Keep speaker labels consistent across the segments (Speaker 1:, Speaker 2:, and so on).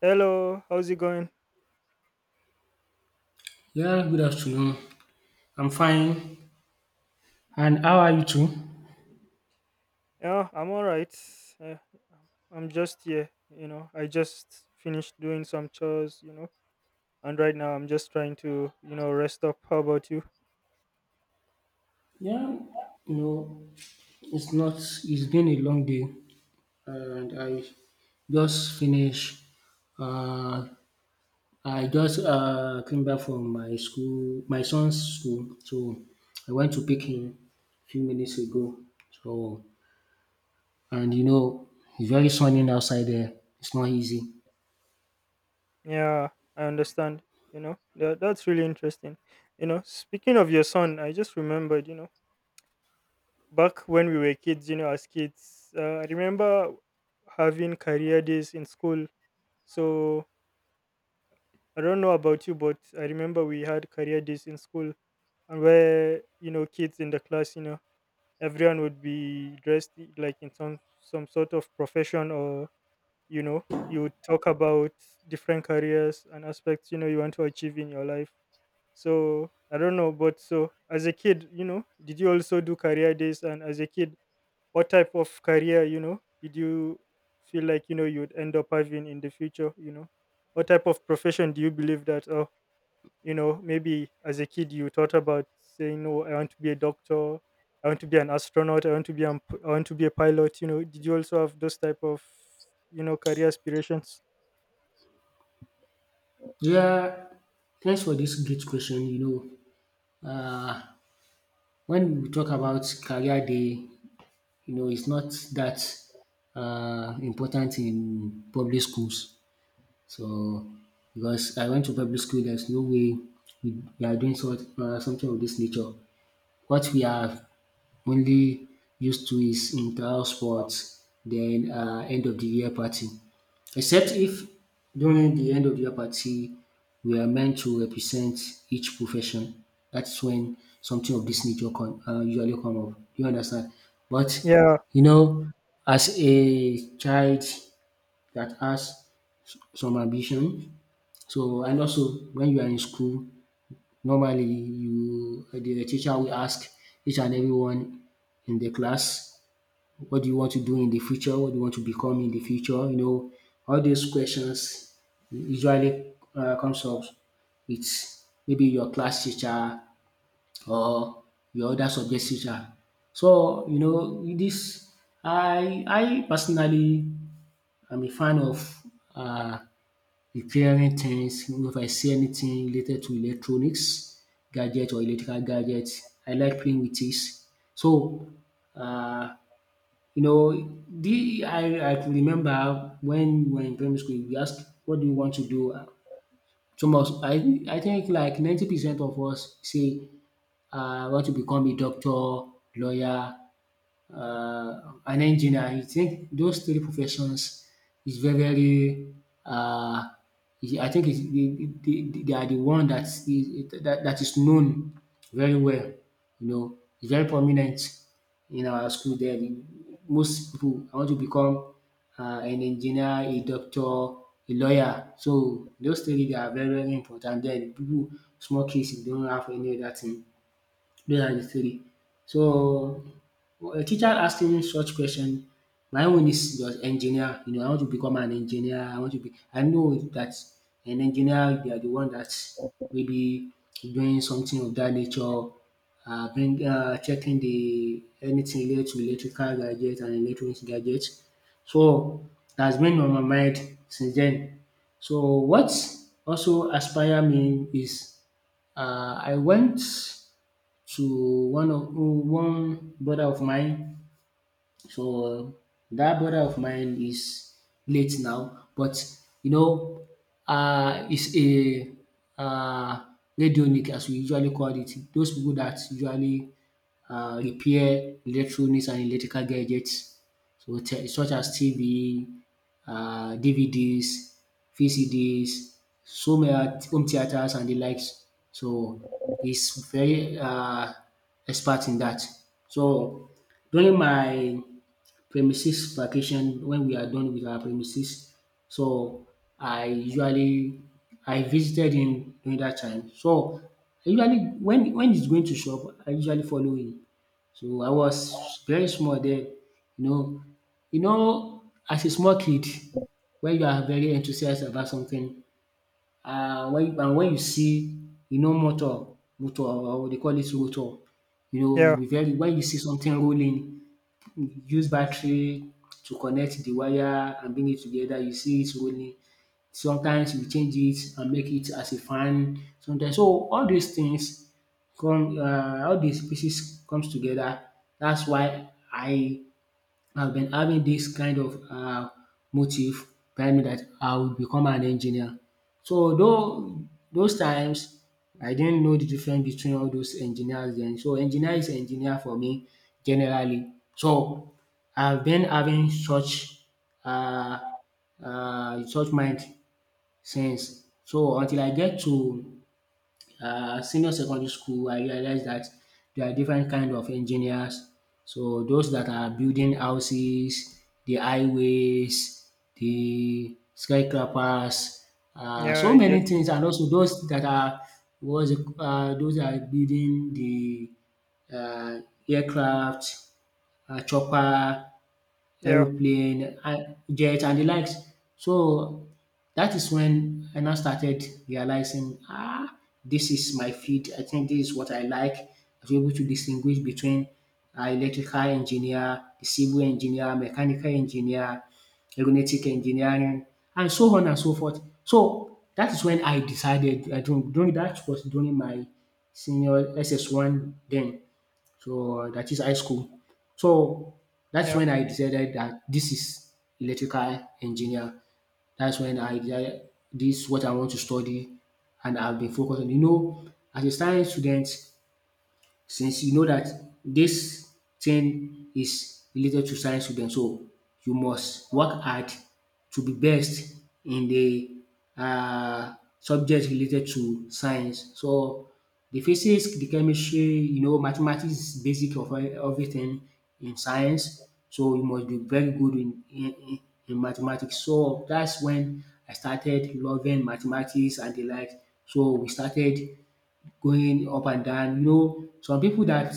Speaker 1: Hello, how's it going?
Speaker 2: Yeah, good afternoon. I'm fine. And how are you too?
Speaker 1: Yeah, I'm all right. Uh, I'm just here, you know. I just finished doing some chores, you know, and right now I'm just trying to, you know, rest up. How about you?
Speaker 2: Yeah, you know, it's not, it's been a long day and I just finished. Uh, I just came back from my school, my son's school. So I went to pick him a few minutes ago. So, and it's very sunny outside there. It's not easy.
Speaker 1: Yeah, I understand, you know. That's really interesting. You know, speaking of your son, I just remembered, you know, back when we were kids, you know, as kids, I remember having career days in school. So I don't know about you, but I remember we had career days in school. And where, you know, kids in the class, you know, everyone would be dressed like in some sort of profession, or you know, you would talk about different careers and aspects, you know, you want to achieve in your life. So I don't know, but so as a kid, you know, did you also do career days? And as a kid, what type of career, you know, did you feel like, you know, you would end up having in the future, you know, what type of profession do you believe that, or? You know, maybe as a kid you thought about saying, no, I want to be a doctor, I want to be an astronaut, I want to be a pilot. You know, did you also have those type of, you know, career aspirations?
Speaker 2: Yeah, thanks for this great question. Know, uh, When we talk about career day, it's not that important in public schools. So, because I went to public school, there's no way we are doing sort, something of this nature. What we are only used to is in sports. Then end of the year party. Except if during the end of the year party, we are meant to represent each profession. That's when something of this nature usually come up. You understand? But
Speaker 1: yeah
Speaker 2: you know, as a child that has some ambition, so and also when you are in school, normally you the teacher will ask each and everyone in the class what do you want to do in the future, what do you want to become in the future, all these questions usually comes up with maybe your class teacher or your other subject teacher. So you know this, I personally am a fan of uh, repairing things. If I see anything related to electronics gadget or electrical gadget I like playing with it. So um you know, the I could remember when we were in primary school we asked what do you want to do? So, of I think like 90% of us say I want to become a doctor, lawyer, an engineer. I think those three professions is very very. Uh, I think it's they are the one that is that is known very well. You know, it's very prominent in our school. Most people want to become an engineer, a doctor, a lawyer. So those three, they are very very important. Then people, small kids, they don't have any other thing. Those are the three. So a teacher asking such question, my own is just engineer. You know, I want to become an engineer. I want to be. I know that an engineer, they are the one that maybe doing something of that nature. Bring checking the anything related to electrical gadgets and electronics gadgets. So that's been on my mind since then. So what also aspire me is, I went to one brother of mine. So that brother of mine is late now, but you know, is a uh, radionic as we usually call it. Those people that usually repair electronics and electrical gadgets, such as TV, DVDs, VCDs, home theaters and the likes. So he's very expert in that. So during my premises vacation when we are done with our premises. So I usually, I visited him during that time. So I usually when he's going to shop, I usually follow him. So I was very small then, you know. You know, as a small kid, when you are very enthusiastic about something, when you see, you know, motor, or they call it rotor, you know,
Speaker 1: yeah
Speaker 2: you be very when you see something rolling, use battery to connect the wire and bring it together, you see it rolling. Sometimes you change it and make it as a fan. Sometimes so all these things come all these pieces comes together. That's why I've been having this kind of motive telling me that I will become an engineer. So though those times I didn't know the difference between all those engineers then. So engineer is engineer for me generally. So I've been having such uh, such mind since. So until I get to senior secondary school, I realized that there are different kind of engineers. So those that are building houses, the highways, the skyscrapers,
Speaker 1: yeah
Speaker 2: so
Speaker 1: I
Speaker 2: many
Speaker 1: get you.
Speaker 2: things, and also those that are was those that are building the uh, aircraft, chopper,
Speaker 1: yeah
Speaker 2: aeroplane, and jet and the likes. So that is when I now started realizing, ah, this is my field. I think this is what I like. I was able to distinguish between electrical engineer, the civil engineer, mechanical engineer, aeronautic engineering, and so on and so forth. So that is when I decided. I don't during that was during my senior SS one then. So that is high school. So that's
Speaker 1: yeah
Speaker 2: when I decided that this is electrical engineer. That's when I decided this is what I want to study and I've been focused on. You know, as a science student, since you know that this thing is related to science student, so you must work hard to be best in the subject related to science. So the physics, the chemistry, you know mathematics is basic of everything in science, so you must be very good in in mathematics. So that's when I started loving mathematics and the like. So we started going up and down. You know, some people that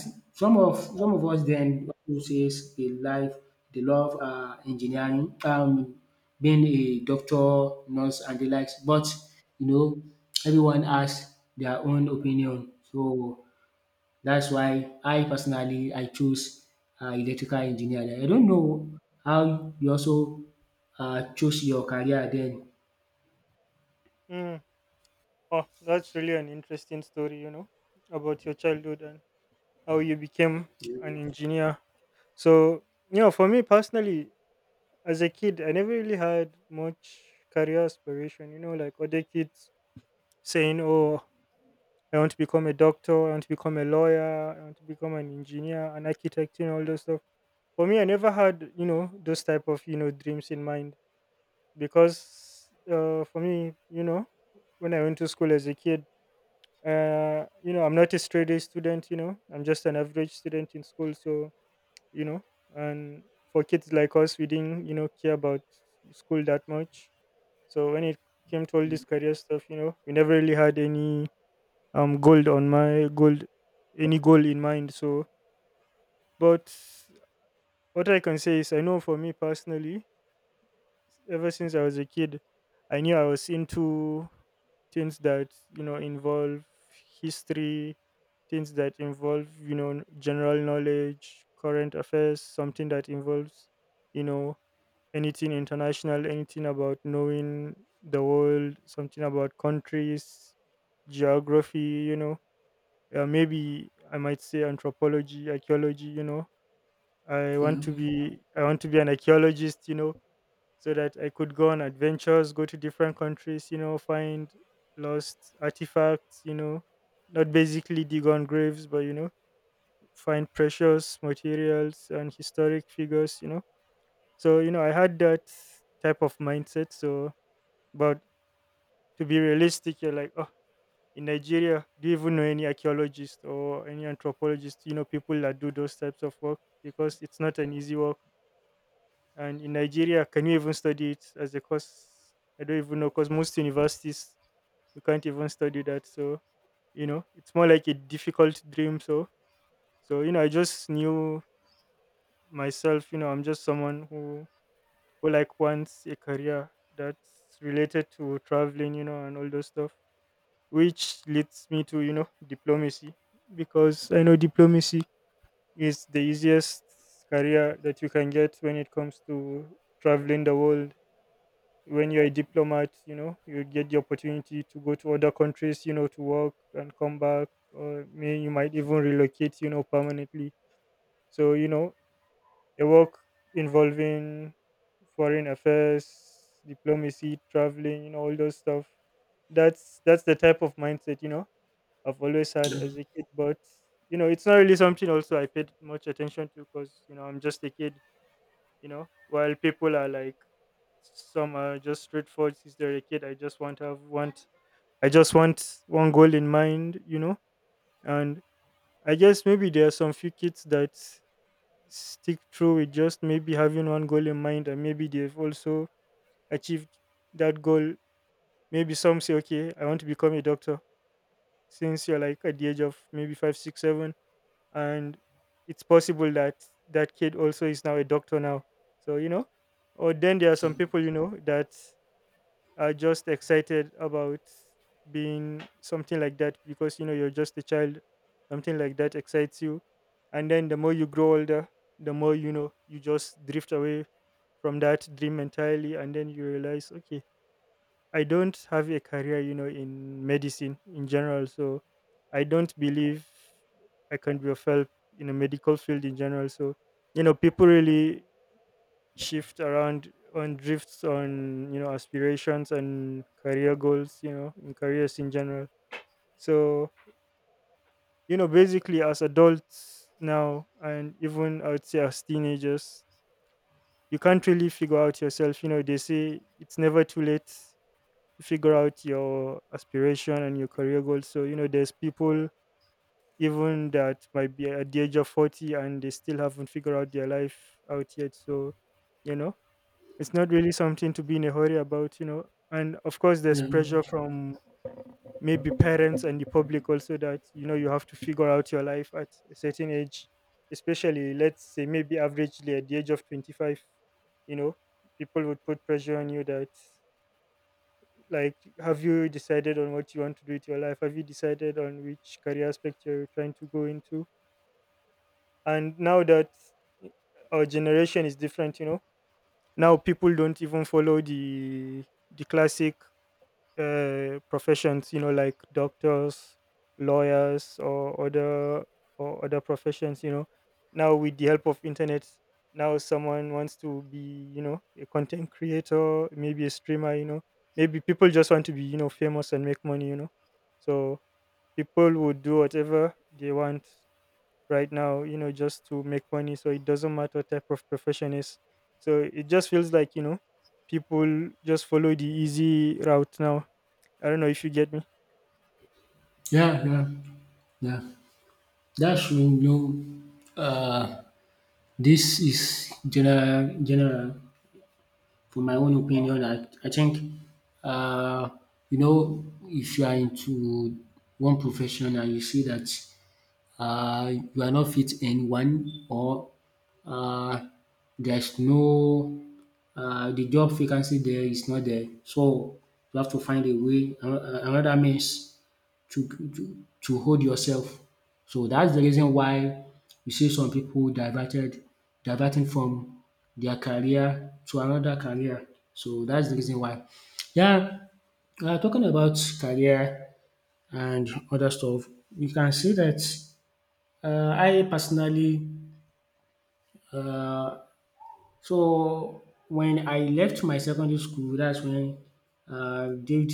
Speaker 2: some of us then who says they like, they love engineering, being a doctor, nurse, and the likes. But you know, everyone has their own opinion. So that's why I personally I choose electrical engineering. I don't know how you also choose your career then.
Speaker 1: mm. Oh, that's really an interesting story, you know, about your childhood and how you became an engineer. So you know, for me personally, as a kid I never really had much career aspiration, you know, like other kids saying, "Oh, I want to become a doctor. I want to become a lawyer. I want to become an engineer, an architect, you know, all those stuff." For me, I never had, you know, those type of, you know, dreams in mind because, for me, you know, when I went to school as a kid, you know, I'm not a straight A student. You know, I'm just an average student in school. So you know, and for kids like us, we didn't, you know, care about school that much. So when it came to all this career stuff, you know, we never really had any goal on my goal any goal in mind. So, but what I can say is, I know for me personally, ever since I was a kid, I knew I was into things that, you know, involve history, things that involve, you know, general knowledge, current affairs, something that involves, you know, anything international, anything about knowing the world, something about countries, geography, you know, maybe I might say anthropology, archaeology. You know,
Speaker 2: Yeah,
Speaker 1: I want to be an archaeologist. You know, so that I could go on adventures, go to different countries. You know, find lost artifacts. You know, not basically dig on graves, but you know, find precious materials and historic figures. You know, so you know, I had that type of mindset. So, but to be realistic, you're like, oh, in Nigeria, do you even know any archaeologist or any anthropologist? You know, people that do those types of work, because it's not an easy work. And in Nigeria, can you even study it as a course? I don't even know, because most universities you can't even study that. So you know, it's more like a difficult dream. So you know, I just knew myself. You know, I'm just someone who like wants a career that's related to traveling. You know, and all those stuff, which leads me to, you know, diplomacy, because I know diplomacy is the easiest career that you can get when it comes to traveling the world. When you're a diplomat, you know, you get the opportunity to go to other countries, you know, to work and come back, or may, you might even relocate, you know, permanently. So you know, a work involving foreign affairs, diplomacy, traveling, you know, all those stuff, that's the type of mindset, you know, I've always had
Speaker 2: yeah,
Speaker 1: as a kid. But you know, it's not really something also I paid much attention to, because you know, I'm just a kid. You know, while people are like, some are just straightforward. Since they're a kid, I just want to have want. I just want one goal in mind. You know, and I guess maybe there are some few kids that stick through with just maybe having one goal in mind, and maybe they've also achieved that goal. Maybe some say, okay, I want to become a doctor. Since you're like at the age of maybe five, six, seven, and it's possible that that kid also is now a doctor now. So you know, or then there are some people, you know, that are just excited about being something like that, because you know, you're just a child, something like that excites you. And then the more you grow older, the more, you know, you just drift away from that dream entirely, and then you realize, okay, I don't have a career, you know, in medicine in general. So I don't believe I can be of help in a medical field in general. So, you know, people really shift around on drifts on, you know, aspirations and career goals, you know, in careers in general. So, you know, basically as adults now, and even I would say as teenagers, you can't really figure out yourself. You know, they say it's never too late to figure out your aspiration and your career goals. So, you know, there's people even that might be at the age of 40 and they still haven't figured out their life out yet. So, you know, it's not really something to be in a hurry about, you know. And of course, there's
Speaker 2: yeah,
Speaker 1: pressure from maybe parents and the public also that, you know, you have to figure out your life at a certain age, especially, let's say, maybe averagely at the age of 25, you know, people would put pressure on you that, like, have you decided on what you want to do with your life? Have you decided on which career aspect you're trying to go into? And now that our generation is different, you know, now people don't even follow the classic professions, you know, like doctors, lawyers, or other professions, you know, now with the help of internet, now someone wants to be, you know, a content creator, maybe a streamer, you know, maybe people just want to be, you know, famous and make money, you know, so people would do whatever they want right now, you know, just to make money, so it doesn't matter what type of profession is. So it just feels like, you know, people just follow the easy route now. I don't know if you get me.
Speaker 2: yeah, yeah. Yeah. That's true. This is general, general. For my own opinion, I think, uh, if you are into one profession and you see that you are not fit anyone or uh, there's no the job vacancy there is not there. So you have to find a way, another means to hold yourself. So that's the reason why you see some diverting from their career to another career. So that's the reason why. Yeah, talking about career and other stuff, you can see that I personally, uh, so when I left my secondary school, that's when I did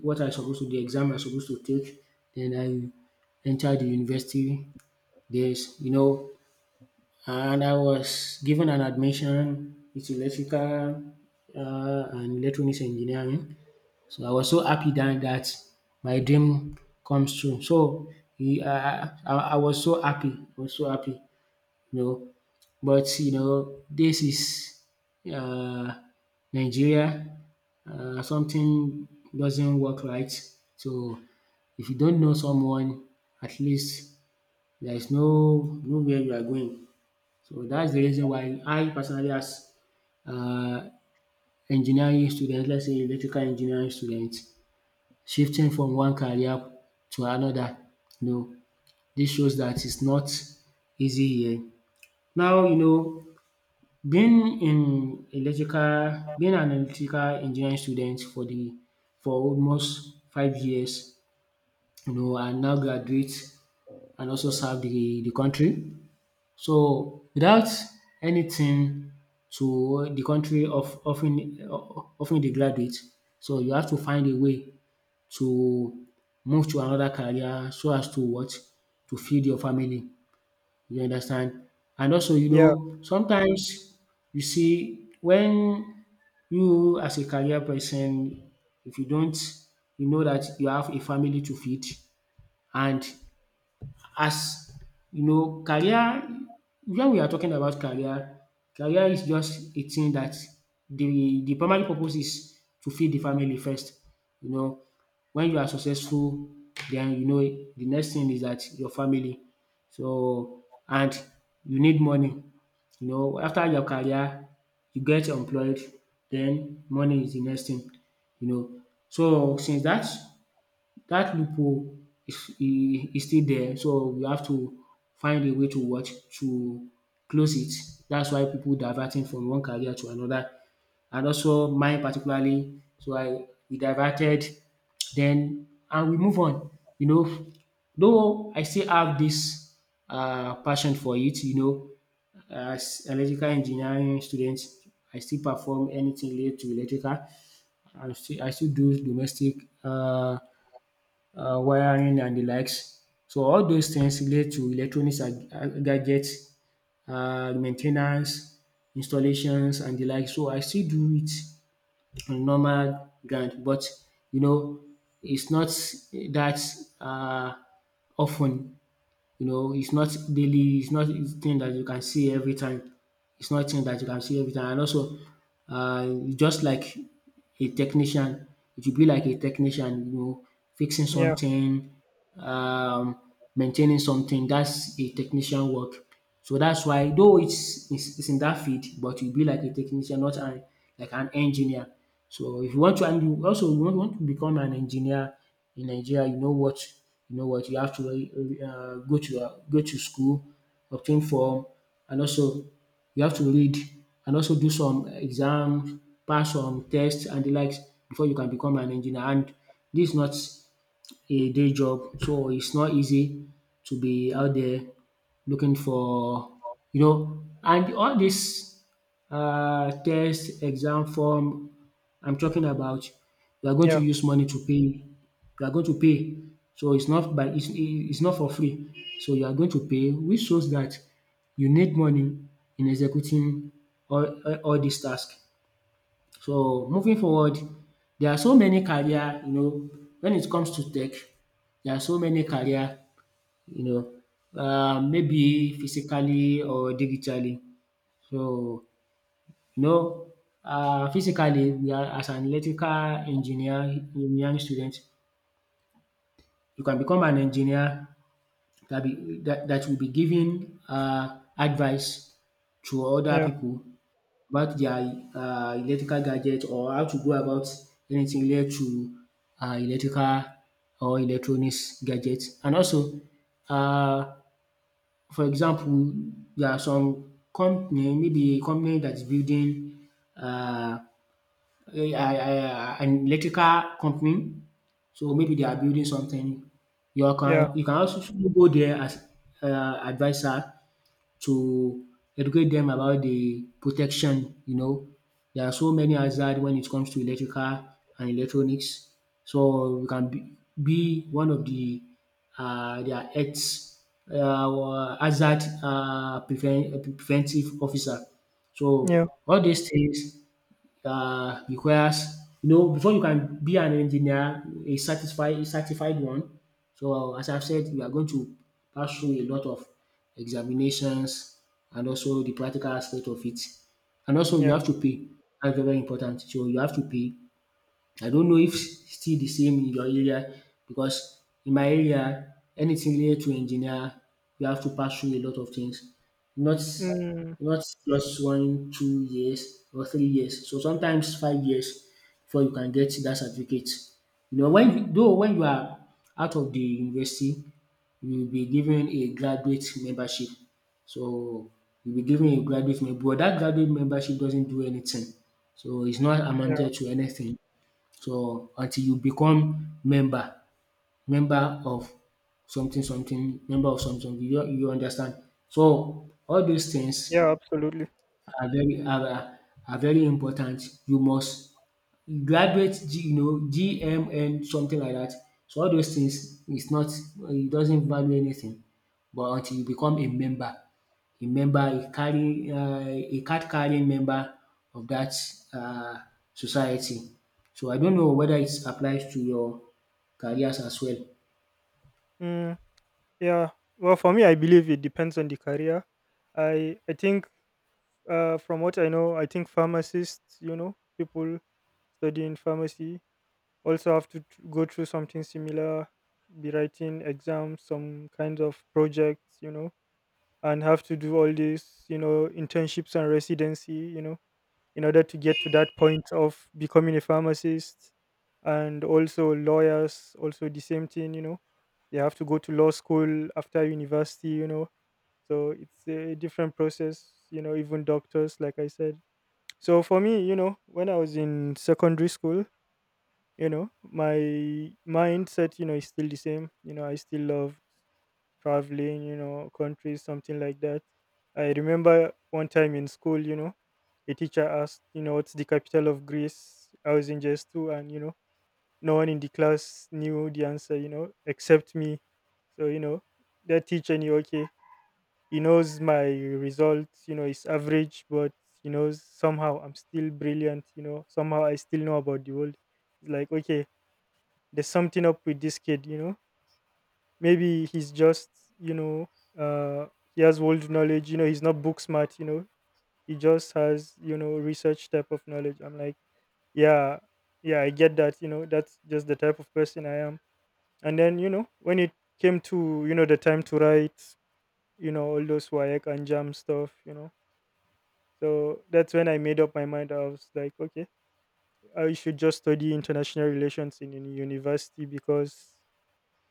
Speaker 2: what I supposed to, the exam I supposed to take. Then I entered the university. There's, you know, and I was given an admission. It's electrical and electronics engineering. So I was so happy that, that my dream comes true. So he, I was so happy, I was so happy. You know. But you know, this is uh, Nigeria, something doesn't work right. So if you don't know someone, at least there is no where you are going. So that's the reason why I personally as uh, engineering student, let's say electrical engineering student, shifting from one career to another, you know, dis shows that it's not easy here. Now you know, being in electrical being an electrical engineering student for the for almost 5 years, you know, and now graduate and also serve the country. So without anything to the country of offering the graduate, so you have to find a way to move to another career so as to what to feed your family. You understand? And also, you
Speaker 1: Yeah,
Speaker 2: know, sometimes you see when you as a career person, if you don't, you know that you have a family to feed and as you know career, when we are talking about career, career is just a thing that the primary purpose is to feed the family first. You know, when you are successful, then you know the next thing is that your family. So and you need money. You know, after your career, you get employed, then money is the next thing. You know, so since that that loophole is still there, so we have to find a way to what to close it. That's why people diverting from one career to another, and also mine particularly. So I we diverted then and we move on, you know. Though I still have this passion for it, you know, as electrical engineering student, I still perform anything related to electrical. I still do domestic uh wiring and the likes. So all those things relate to electronics and gadgets, main installations and the like. So I still do it on normal ground, but you know it's not that um of you know, it's not daily, it's not it's thing that you can see every time. It's not thing that you can see every time. And also, uh, just like a technician, it should be like a technician, you know, fixing
Speaker 1: yeah,
Speaker 2: something, um, maintaining something. That's a technician work. So that's why, though it's in that field, but you be like a technician, not an like an engineer. So if you want to, and you want to become an engineer in Nigeria, you know what you have to go to school, obtain form, and also you have to read and also do some exams, pass some tests and the likes before you can become an engineer. And this is not a day job. So it's not easy to be out there looking for, you know, and all this test, exam form I'm talking about, you are going to
Speaker 1: yeah,
Speaker 2: use money to pay. You are going to pay. So it's not by it's not for free. So you are going to pay, which shows that you need money in executing all these tasks. So moving forward, there are so many career, you know, when it comes to tech, there are so many career, you know, maybe physically or digitally. So, you know, physically, we are as an electrical engineer, engineering student, you can become an engineer that will be giving advice to other
Speaker 1: yeah,
Speaker 2: people about their electrical gadget or how to go about anything related to electrical or electronics gadgets. And also uh, for example there are some company, maybe a company that is building um an electrical company, so maybe they are building something, you
Speaker 1: yeah,
Speaker 2: can also go there as adviser to educate them about the protection, you know. There are so many hazards when it comes to electrical and electronics. So we can be one of their health hazard preventive officer. So
Speaker 1: yeah,
Speaker 2: all these things requires, you know, before you can be an engineer, a certified one. So as I've said, you are going to pass through a lot of examinations and also the practical aspect of it. And also you
Speaker 1: yeah.
Speaker 2: have to pay. That's very, very important. So you have to pay. I don't know if still the same in your area, because in my area anything related to engineer you have to pass through a lot of things. Not
Speaker 1: Mm,
Speaker 2: Not just one, 2 years or 3 years. So sometimes 5 years before you can get that certificate. You know when you are out of the university you will be given a graduate membership. So you will be given a graduate membership, but that graduate membership doesn't do anything. So it's not
Speaker 1: yeah,
Speaker 2: amounted to anything. So until you become member member of something something, member of something something, you understand. So all those things
Speaker 1: yeah, absolutely.
Speaker 2: are very are are are very important. You must graduate G, you know, GMN, something like that. So all those things is not, it doesn't value anything, but until you become a member. A carry a card carrying member of that um society. So I don't know whether it applies to your careers as well.
Speaker 1: Mm, yeah. Well, for me, I believe it depends on the career. I think, from what I know, I think pharmacists, you know, people studying pharmacy also have to go through something similar, be writing exams, some kinds of projects, you know, and have to do all these, you know, internships and residency, you know, in order to get to that point of becoming a pharmacist. And also lawyers, also the same thing, you know, they have to go to law school after university, you know, so it's a different process, you know, even doctors, like I said. So for me, you know, when I was in secondary school, you know, my mindset, you know, is still the same, you know, I still love traveling, you know, countries, something like that. I remember one time in school, you know, a teacher asked, you know, what's the capital of Greece? I was in JS2, and, you know, no one in the class knew the answer, you know, except me. So, you know, that teacher knew, okay, he knows my results, you know, it's average, but he knows somehow I'm still brilliant, you know, somehow I still know about the world. It's like, okay, there's something up with this kid, maybe he's just you know uh he has old knowledge, he's not book smart, he just has, research type of knowledge. I'm like, yeah, yeah, I get that. That's just the type of person I am. And then, when it came to, the time to write, all those wayek and jam stuff, so that's when I made up my mind. I was like, okay, I should just study international relations in university, because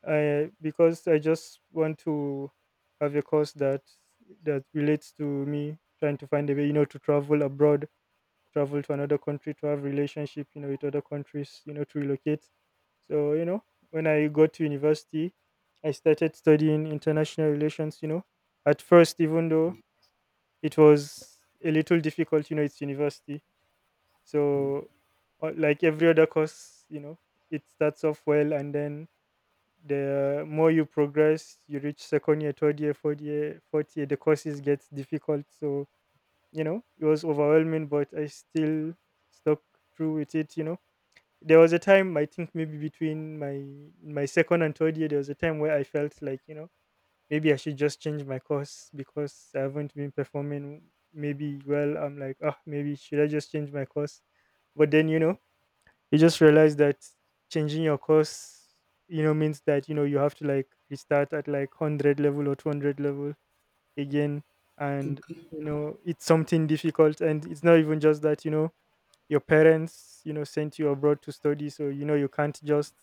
Speaker 1: I just want to have a course that relates to me trying to find a way, to travel abroad, travel to another country, to have relationship, with other countries, to relocate. So, when I got to university, I started studying international relations. At first, even though it was a little difficult, it's university, so like every other course, it starts off well, and then the more you progress, you reach second year, third year, fourth year, the courses get difficult. So, it was overwhelming, but I still stuck through with it. There was a time, I think maybe between my second and third year, there was a time where I felt like, maybe I should just change my course because I haven't been performing maybe well. I'm like, ah, maybe should I just change my course? But then, you just realize that changing your course, means that, you have to like restart at like 100 level or 200 level again. And
Speaker 2: Okay.
Speaker 1: it's something difficult. And it's not even just that, your parents, sent you abroad to study, so you can't just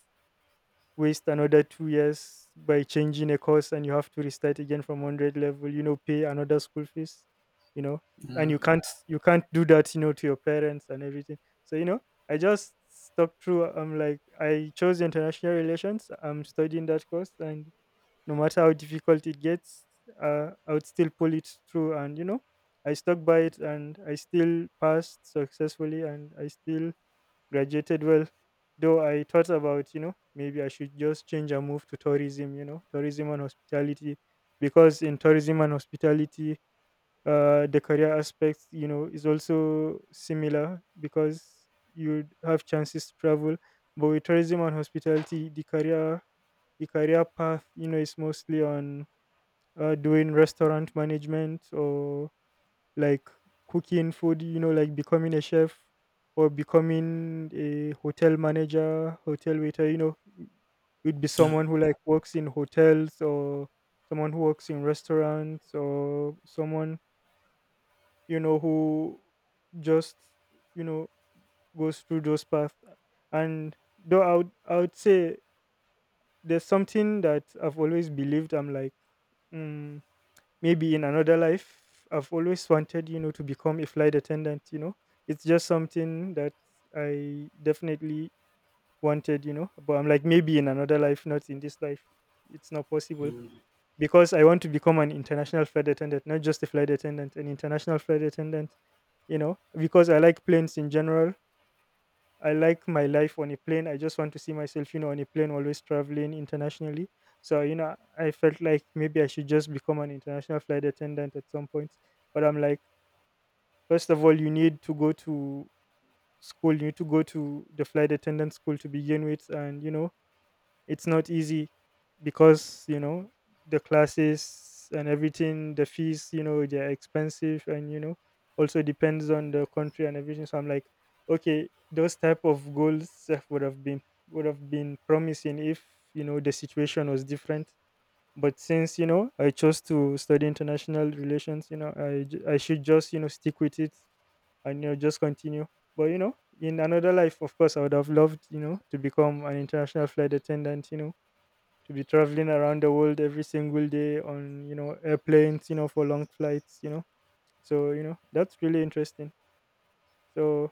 Speaker 1: waste another 2 years by changing a course and you have to restart again from 100 level, pay another school fees, you know and
Speaker 2: Yeah,
Speaker 1: you Yeah. can't, you can't do that, to your parents and everything. So, I just stuck through. I'm like, I chose international relations, I'm studying that course, and no matter how difficult it gets, I would still pull it through. And I stuck by it, and I still passed successfully, and I still graduated well. Though I thought about, maybe I should just change and move to tourism, tourism and hospitality. Because in tourism and hospitality, the career aspect, is also similar because you have chances to travel. But with tourism and hospitality, the career path, is mostly on doing restaurant management, or like cooking food, like becoming a chef, or becoming a hotel manager, hotel waiter, would be
Speaker 2: yeah.
Speaker 1: someone who like works in hotels, or someone who works in restaurants, or someone, who just, you know, goes through those paths. And though I would say there's something that I've always believed. I'm like, mm, maybe in another life I've always wanted, to become a flight attendant. It's just something that I definitely wanted, but I'm like, maybe in another life, not in this life, it's not possible. Because I want to become an international flight attendant, not just a flight attendant, an international flight attendant, because I like planes in general. I like my life on a plane. I just want to see myself, on a plane, always traveling internationally. So, I felt like maybe I should just become an international flight attendant at some point. But I'm like, first of all, you need to go to school. You need to go to the flight attendant school to begin with. And, it's not easy because, the classes and everything, the fees, they're expensive. And, also depends on the country and everything. So I'm like, okay, those type of goals, eh, would have been, would have been promising if, the situation was different. But since, I chose to study international relations, I should just, stick with it and, just continue. But, in another life, of course, I would have loved, to become an international flight attendant, to be traveling around the world every single day on, airplanes, for long flights. So, that's really interesting. So,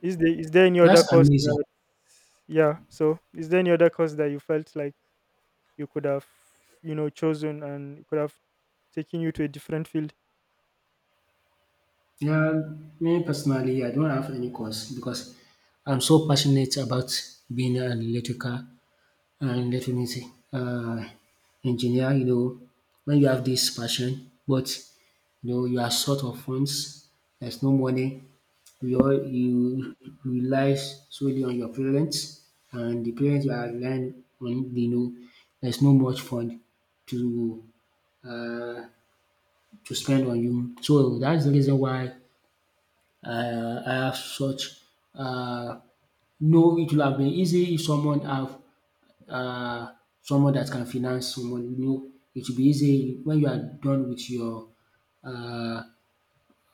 Speaker 1: is there any other
Speaker 2: That's
Speaker 1: course
Speaker 2: amazing.
Speaker 1: that yeah, so is there any other course that you felt like you could have, chosen, and could have taken you to a different field?
Speaker 2: Yeah, me personally I don't have any course because I'm so passionate about being an electrical. And definitely, uh, engineer, you know, when you have this passion, but you know you are short of funds, there's no money. You rely solely on your parents, and the parents are relying on, you know, there's no much fund to uh, to spend on you. So that's the reason why I have such, uh, no, it will have been easy if someone have uh, someone that can finance someone. You know, it will be easy when you are done with your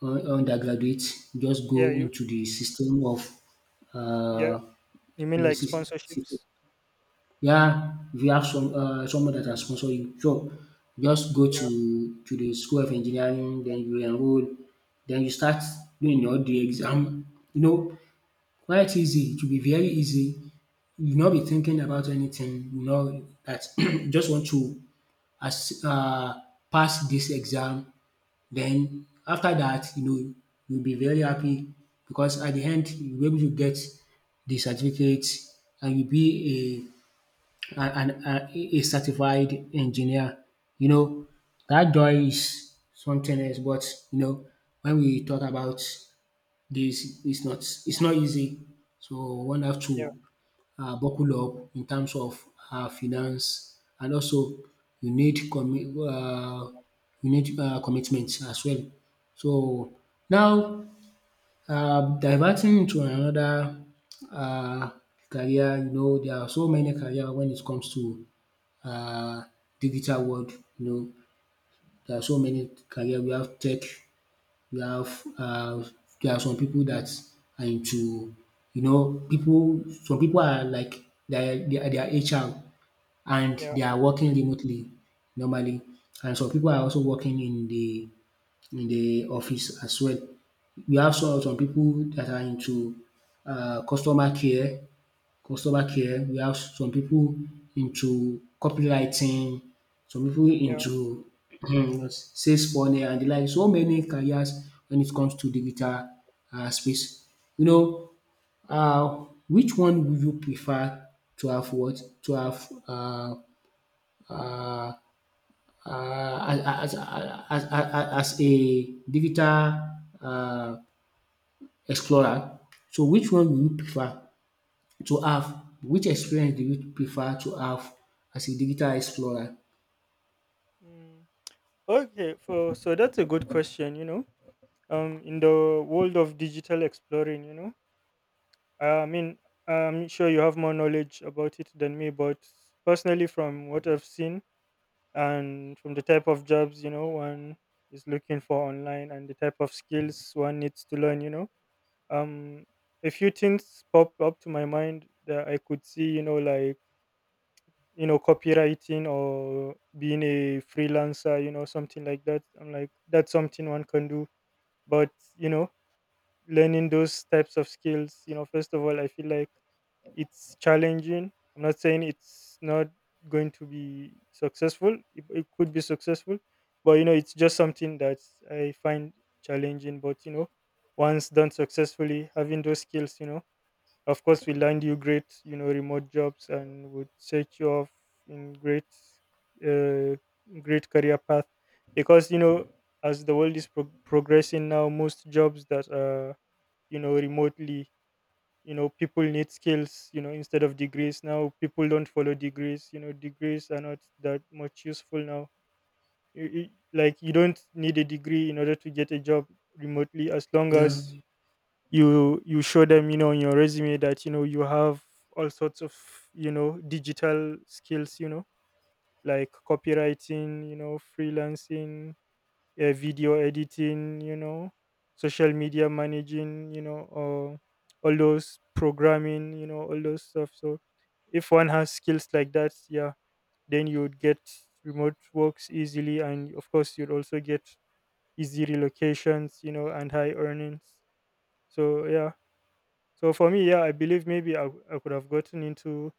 Speaker 2: undergraduate. Just
Speaker 1: Yeah,
Speaker 2: go
Speaker 1: you
Speaker 2: into the system of
Speaker 1: yeah,
Speaker 2: uh,
Speaker 1: you
Speaker 2: you
Speaker 1: mean
Speaker 2: know,
Speaker 1: like
Speaker 2: system.
Speaker 1: sponsorships?
Speaker 2: Yeah, if you have some someone that has sponsor you, so just go
Speaker 1: Yeah.
Speaker 2: to the school of engineering. Then you enroll. Then you start doing all the exam. You know, quite easy, it will be very easy. You will not be thinking about anything, you know, that you just want to, as pass this exam. Then after that, you know, you'll be very happy because at the end you'll be able to get the certificate and you'll be a an a certified engineer. You know that joy is something else, but you know when we talk about this, is not it's not easy. So one have
Speaker 1: Yeah.
Speaker 2: to buckle up in terms of finance, and also you need commi you need commitment as well. So now diverting into another um career, you know there are so many career when it comes to um digital world, you know there are so many career. We have tech, we have there are some people that are into, you know, people. Some people are like they are HR and
Speaker 1: Yeah.
Speaker 2: they are working remotely normally, and some people are also working in the office as well. We have some people that are into uh customer care customer care. We have some people into copywriting, some people
Speaker 1: Yeah.
Speaker 2: into sales funnel and de like. So many careers when it comes to digital space. You know, which one would you prefer to have what? To have uh as as as as as a digital uh explorer. So which one would you prefer? To have, which experience do you prefer to have as a digital explorer?
Speaker 1: Mm. Okay, for so that's a good question. Um, in the world of digital exploring, I mean, I'm sure you have more knowledge about it than me, but personally, from what I've seen and from the type of jobs, one is looking for online, and the type of skills one needs to learn, um, a few things pop up to my mind that I could see, like, copywriting, or being a freelancer, something like that. I'm like, that's something one can do. But, learning those types of skills, first of all, I feel like it's challenging. I'm not saying it's not going to be successful. It could be successful, but, it's just something that I find challenging. But, once done successfully, having those skills, of course, we land you great, remote jobs, and would set you off in great, uh, great career path. Because, as the world is progressing now, most jobs that are, remotely, people need skills. Instead of degrees, now people don't follow degrees. Degrees are not that much useful now. Like, you don't need a degree in order to get a job remotely, as long
Speaker 2: Yeah,
Speaker 1: as you you show them, on your resume that, you have all sorts of, digital skills, like copywriting, freelancing, video editing, social media managing, all those programming, all those stuff. So if one has skills like that, yeah, then you would get remote works easily, and of course you'd also get easy relocations, and high earnings. So yeah, so for me, yeah, I believe maybe I could have gotten into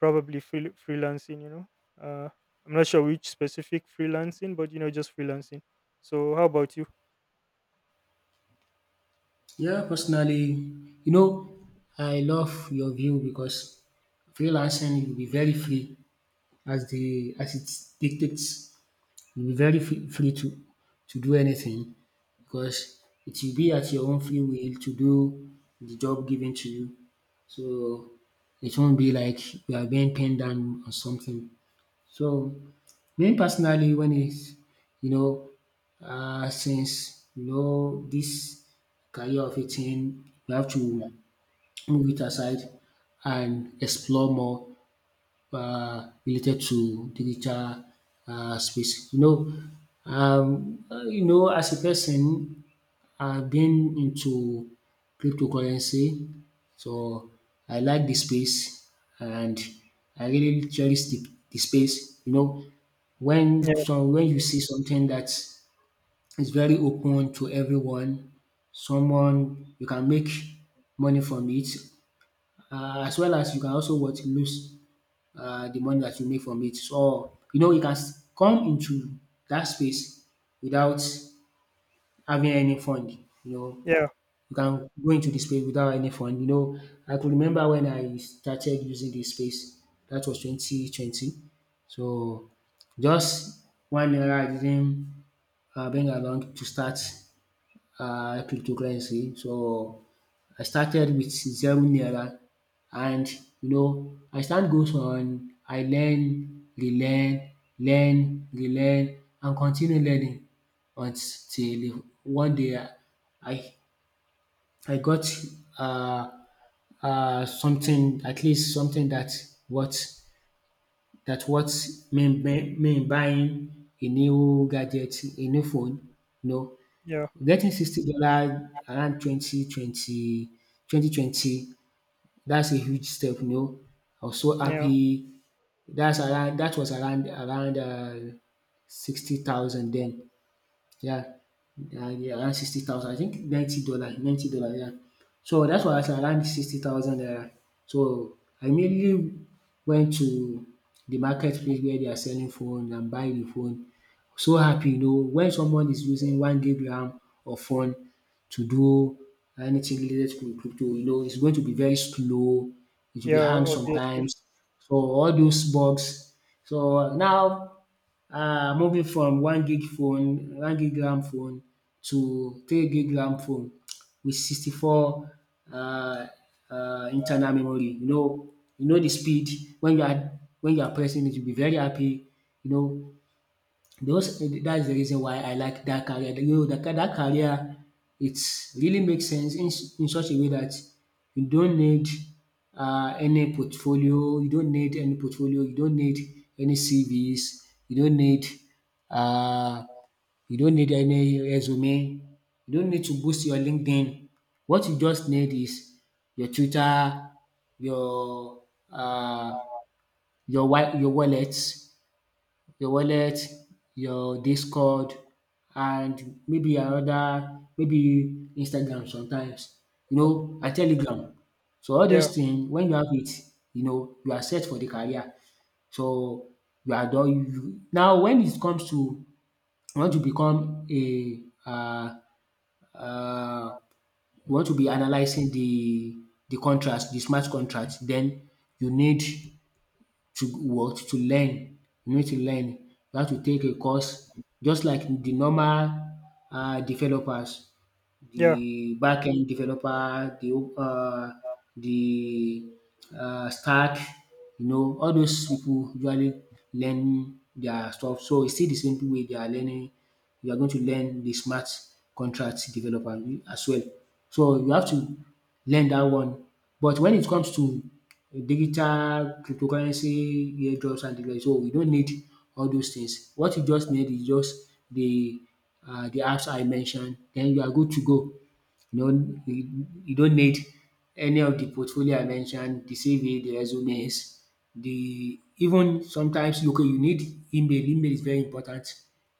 Speaker 1: probably freelancing. Uh, I'm not sure which specific freelancing, but, just freelancing. So how about you?
Speaker 2: yeah, personally, you know, I love your view because freelancing will be very free as the as it dictates. You'll be very free, free to do anything, because it will be at your own free will to do the job given to you. So it won't be like you are being pinned down on something. So, me personally, when it's, you know, since, you know, this career of a thing, we have to move it aside and explore more related to digital space. You know you know, as a person I've been into cryptocurrency, so I like the space, and I really cherish the space. You know, when,
Speaker 1: Yeah.
Speaker 2: so when you see something that is very open to everyone, someone you can make money from it, as well as you can also what lose the money that you make from it. So you know, you can come into that space without having any fund, you know,
Speaker 1: Yeah.
Speaker 2: you can go into the space without any fund, you know. I could remember when I started using this space, that was 2020 so just one naira, I didn't bring along to start cryptocurrency. So I started with zero naira, and you know as time goes on I learn, relearn, learn, relearn, and continue learning until one day I I got uh something, at least something, what that what me buying a new gadget, a new phone, you know.
Speaker 1: Yeah,
Speaker 2: Getting $60 around 2020 2020. That's a huge step, you know. I was so
Speaker 1: yeah,
Speaker 2: happy. That's around, that was around 60,000 then. Yeah, yeah, yeah, around 60,000. I think $90, dollar, $90, yeah. So that's why I said around 60,000 naira. So I immediately went to the marketplace where they are selling phone and buy the phone. So happy, you know, when someone is using one gigram of phone to do anything related to crypto, you know, it's going to be very slow. It will be
Speaker 1: yeah,
Speaker 2: hang
Speaker 1: obviously.
Speaker 2: sometimes. So all those bugs. So now moving from one gig phone, one gig RAM phone, to three gig RAM phone with 64 um internal memory. You know, you know the speed when you are pressing it, you'll be very happy. You know those eh, that's the reason why I like that career. You know that career, it really makes sense in such a way that you don't need any portfolio, you don't need any CVs, you don't need, uh, you don't need any resume, you don't need to boost your LinkedIn. What you just need is your Twitter, your uh, your wa your wallet, your wallet, your Discord, and maybe another, maybe Instagram sometimes, you know, and Telegram. So all
Speaker 1: Yeah,
Speaker 2: those things, when you have it, you know you are set for the career. So you are done. You now, when it comes to you want to become a uh, you want to be analysing the contract, the smart contract, then you need to learn. You need to learn. You have to take a course just like the normal developers,
Speaker 1: yeah.
Speaker 2: the backend developer, uh, the stack, you know, all those people usually learn their stuff. So it's still the same way they are learning. You are going to learn the smart contract developer as well. So you have to learn that one. But when it comes to digital cryptocurrency, airdrops and the rest. So you don't need all those things. What you just need is just the apps I mentioned. Then you are good to go. You don't need any of the portfolio I mentioned, the CV, the resumes, the even sometimes you need email. Email is very important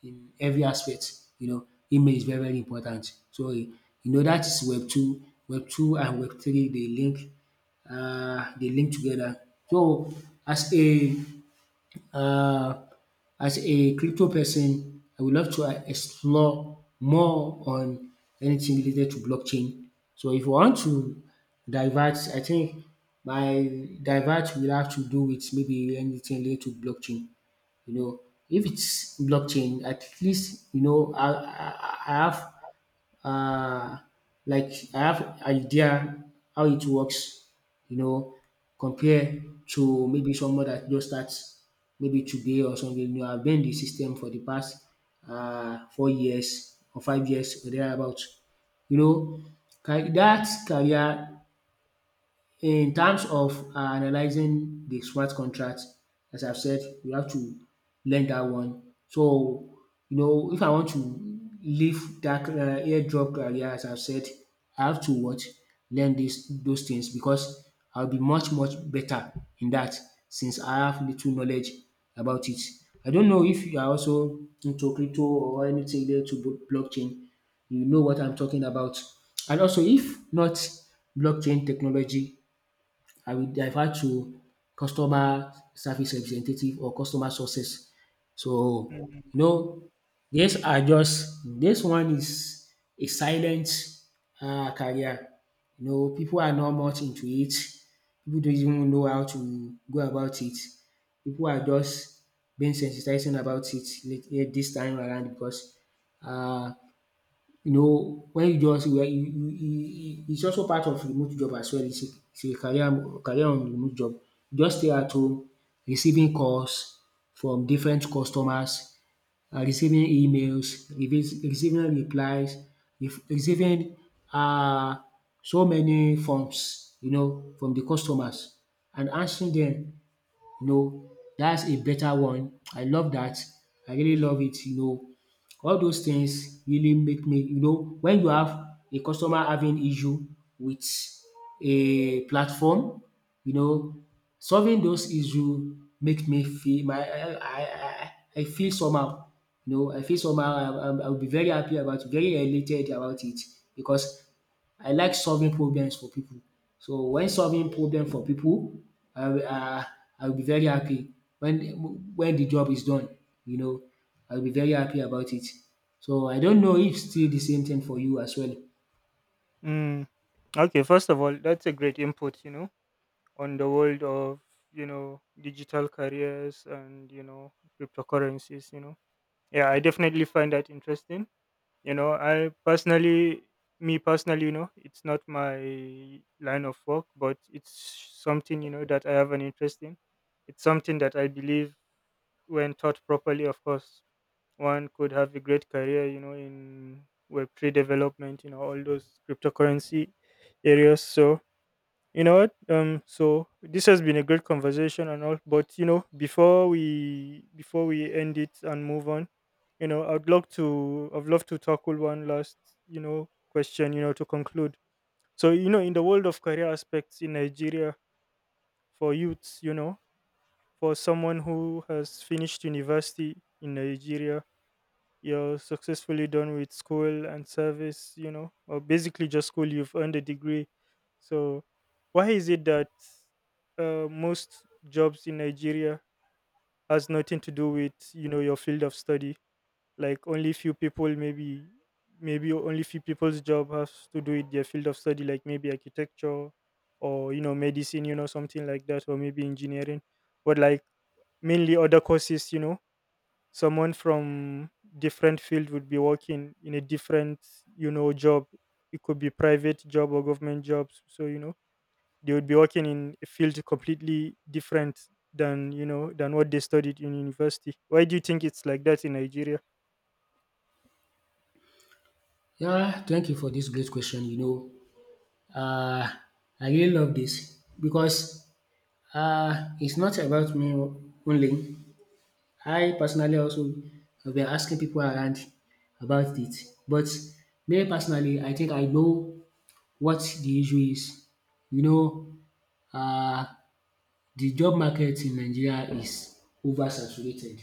Speaker 2: in every aspect. You know, email is very important. So you know that is web two and web three, they link together. So as a uh, as a crypto person, I would love to explore more on anything related to blockchain. So if you want to divert, I think my divert will have to do with maybe anything related to blockchain. You know, if it's blockchain, at least you know I have uh, like I have idea how it works, you know, compare to maybe someone that just starts maybe today or something. You know, I've been in the system for the past 4 years or 5 years or thereabout. You know, that career in terms of analyzing the smart contract, as I've said, we have to learn that one. So, you know, if I want to leave that airdrop career, as I've said, I have to what learn this those things because I'll be much better in that, since I have little knowledge about it. I don't know if you are also into crypto or anything related to blockchain. You know what I'm talking about. And also, if not blockchain technology, I will divert to customer service representative or customer success. So,
Speaker 1: Mm.
Speaker 2: you know, these are just this one is a silent career. You know, people are not much into it. People don't even know how to go about it. People are just being sensitizing about it this time around because uh, you know when you just where you, it's also part of remote job as well. It's a career on remote job. You just stay at home receiving calls from different customers, receiving emails, receiving replies, receiving um so many forms you know from the customers and answering dem. You know, that's a better one. I love that. I really love it, you know. All those things really make me, you know, when you have a customer having issue with a platform, you know, solving those issue make me feel my I feel somehow. You know, I feel somehow I'll be very happy about, very elated about it, because I like solving problems for people. So when solving problem for people, I will um I will be very happy when the job is done, you know. I will be very happy about it. So I don't know if still the same thing for you as well.
Speaker 1: Mm. Okay, first of all, that's a great input, on the world of, digital careers and, cryptocurrencies. Yeah, I definitely find that interesting. I personally, me personally, it's not my line of work, but it's something, that I have an interest in. It's something that I believe, when taught properly, of course, one could have a great career, in web3 development, all those cryptocurrency areas. So, what, um, so this has been a great conversation and all, but, before we, before we end it and move on, I'd love to, I'd love to tackle one last, question, to conclude. So, in the world of career aspects in Nigeria, for youths, for someone who has finished university in Nigeria, you're successfully done with school and service, or basically just school, you've earned a degree. So why is it that, most jobs in Nigeria has nothing to do with, your field of study? Like only few people maybe, only few people's job has to do with their field of study, like maybe architecture, or, medicine, something like that, or maybe engineering. But like mainly other courses, someone from different field would be working in a different, job. It could be private job or government jobs. So, they would be working in a field completely different than, than what they studied in university. Why do you think it's like that in Nigeria?
Speaker 2: Yeah, thank you for this great question, you know. um I really love this because it's not about me only. I personally also have been asking people around about it, but me personally, I think I know what the issue is. You know, um the job market in Nigeria is oversaturated.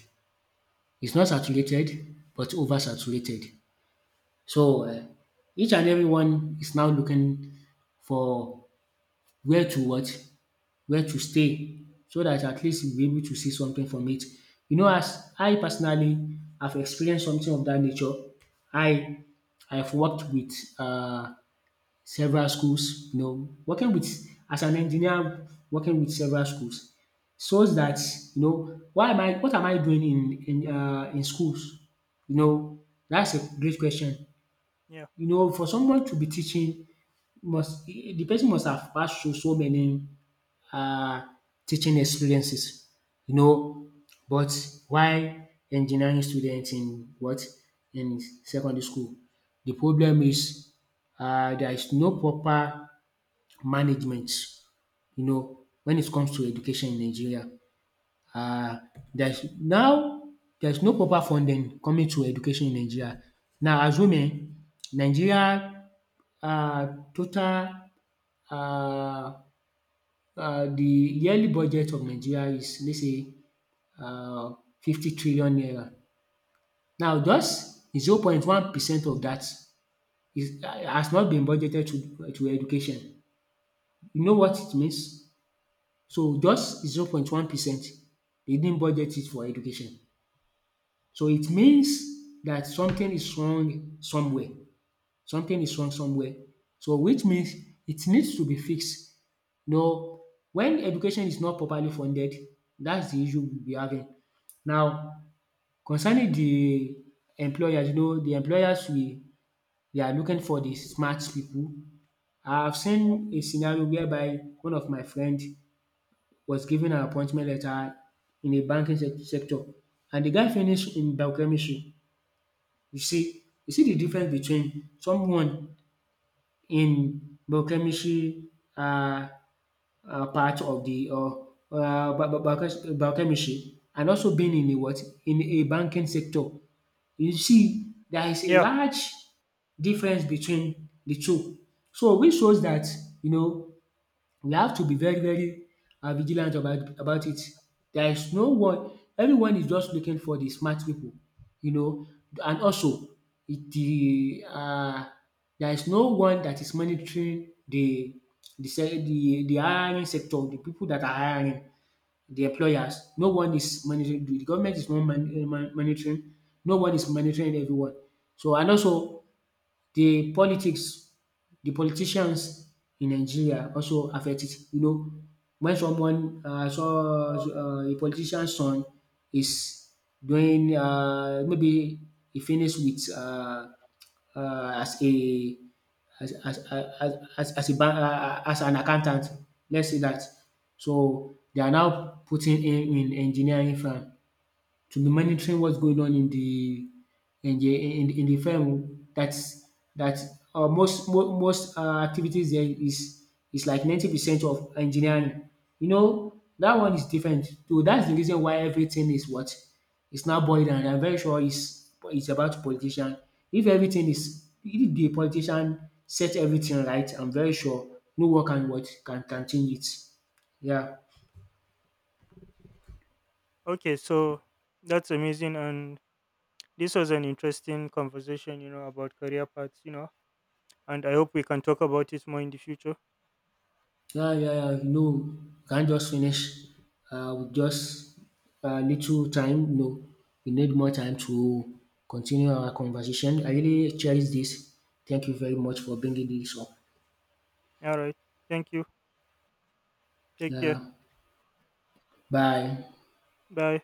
Speaker 2: It's not saturated but oversaturated. So, each and everyone is now looking for where to what? Where to stay, so that at least you'll be able to see something from it. You know, as I personally have experienced something of that nature. I I've worked with um several schools, you know, working with, as an engineer, working with several schools, so that you know, why am I, what am I doing in in schools? You know, that's a great question.
Speaker 1: Yeah.
Speaker 2: You know, for someone to be teaching, must the person must have passed through so many um teaching experiences, you know. But why engineering students in what, in secondary school? The problem is, there is no proper management, you know, when it comes to education in Nigeria. Uh, there's now there's no proper funding coming to education in Nigeria. Now, as women, Nigeria uh, total uh, the yearly budget of Nigeria is, let's say, uh, 50 trillion naira. Now, just 0.1% of that is, has not been budgeted to education. You know what it means? So just 0.1% they didn't budget it for education. So it means that something is wrong somewhere. Something is wrong somewhere. So which means it needs to be fixed. You, when education is not properly funded, that's the issue we'll be having. Now, concerning the employers, you know, the employers we they are looking for the smart people. I've seen a scenario whereby one of my friend was given an appointment letter in a banking sector, and the guy finished in biochemistry. You see the difference between someone in biochemistry, um part of the, or biochemistry, and also being in a what? In a banking sector. You see there is a
Speaker 1: Yeah.
Speaker 2: large difference between the two. So which shows that you know, we have to be very vigilant about it. There is no one, everyone is just looking for the smart people, you know. And also it, the there is no one that is monitoring the hiring sector, the people that are hiring, the employers. No one is monitoring. The government is not monitoring. No one is monitoring everyone. So, and also the politics, the politicians in Nigeria also affect it. You know, when someone saw a politician son is doing maybe he finished with as a, as as as an accountant, let's say that. So they are now putting him in engineering firm to be monitoring what's going on in the in the firm. That's that most most activities there is like 90% of engineering. You know that one is different. So that's the reason why everything is what is now boiled down. I'm very sure it's about politician. If everything is, if the politician set everything right, I'm very sure no one can what, can change it. Yeah.
Speaker 1: Okay, so that's amazing, and this was an interesting conversation, about career paths. And I hope we can talk about it more in the future.
Speaker 2: So, yeah, yeah, yeah. No, can't just finish with just a little time. No, we need more time to continue our conversation. I really cherish this. Thank you very much for bringing this up.
Speaker 1: All right. Thank you. Take care.
Speaker 2: Yeah, bye.
Speaker 1: Bye.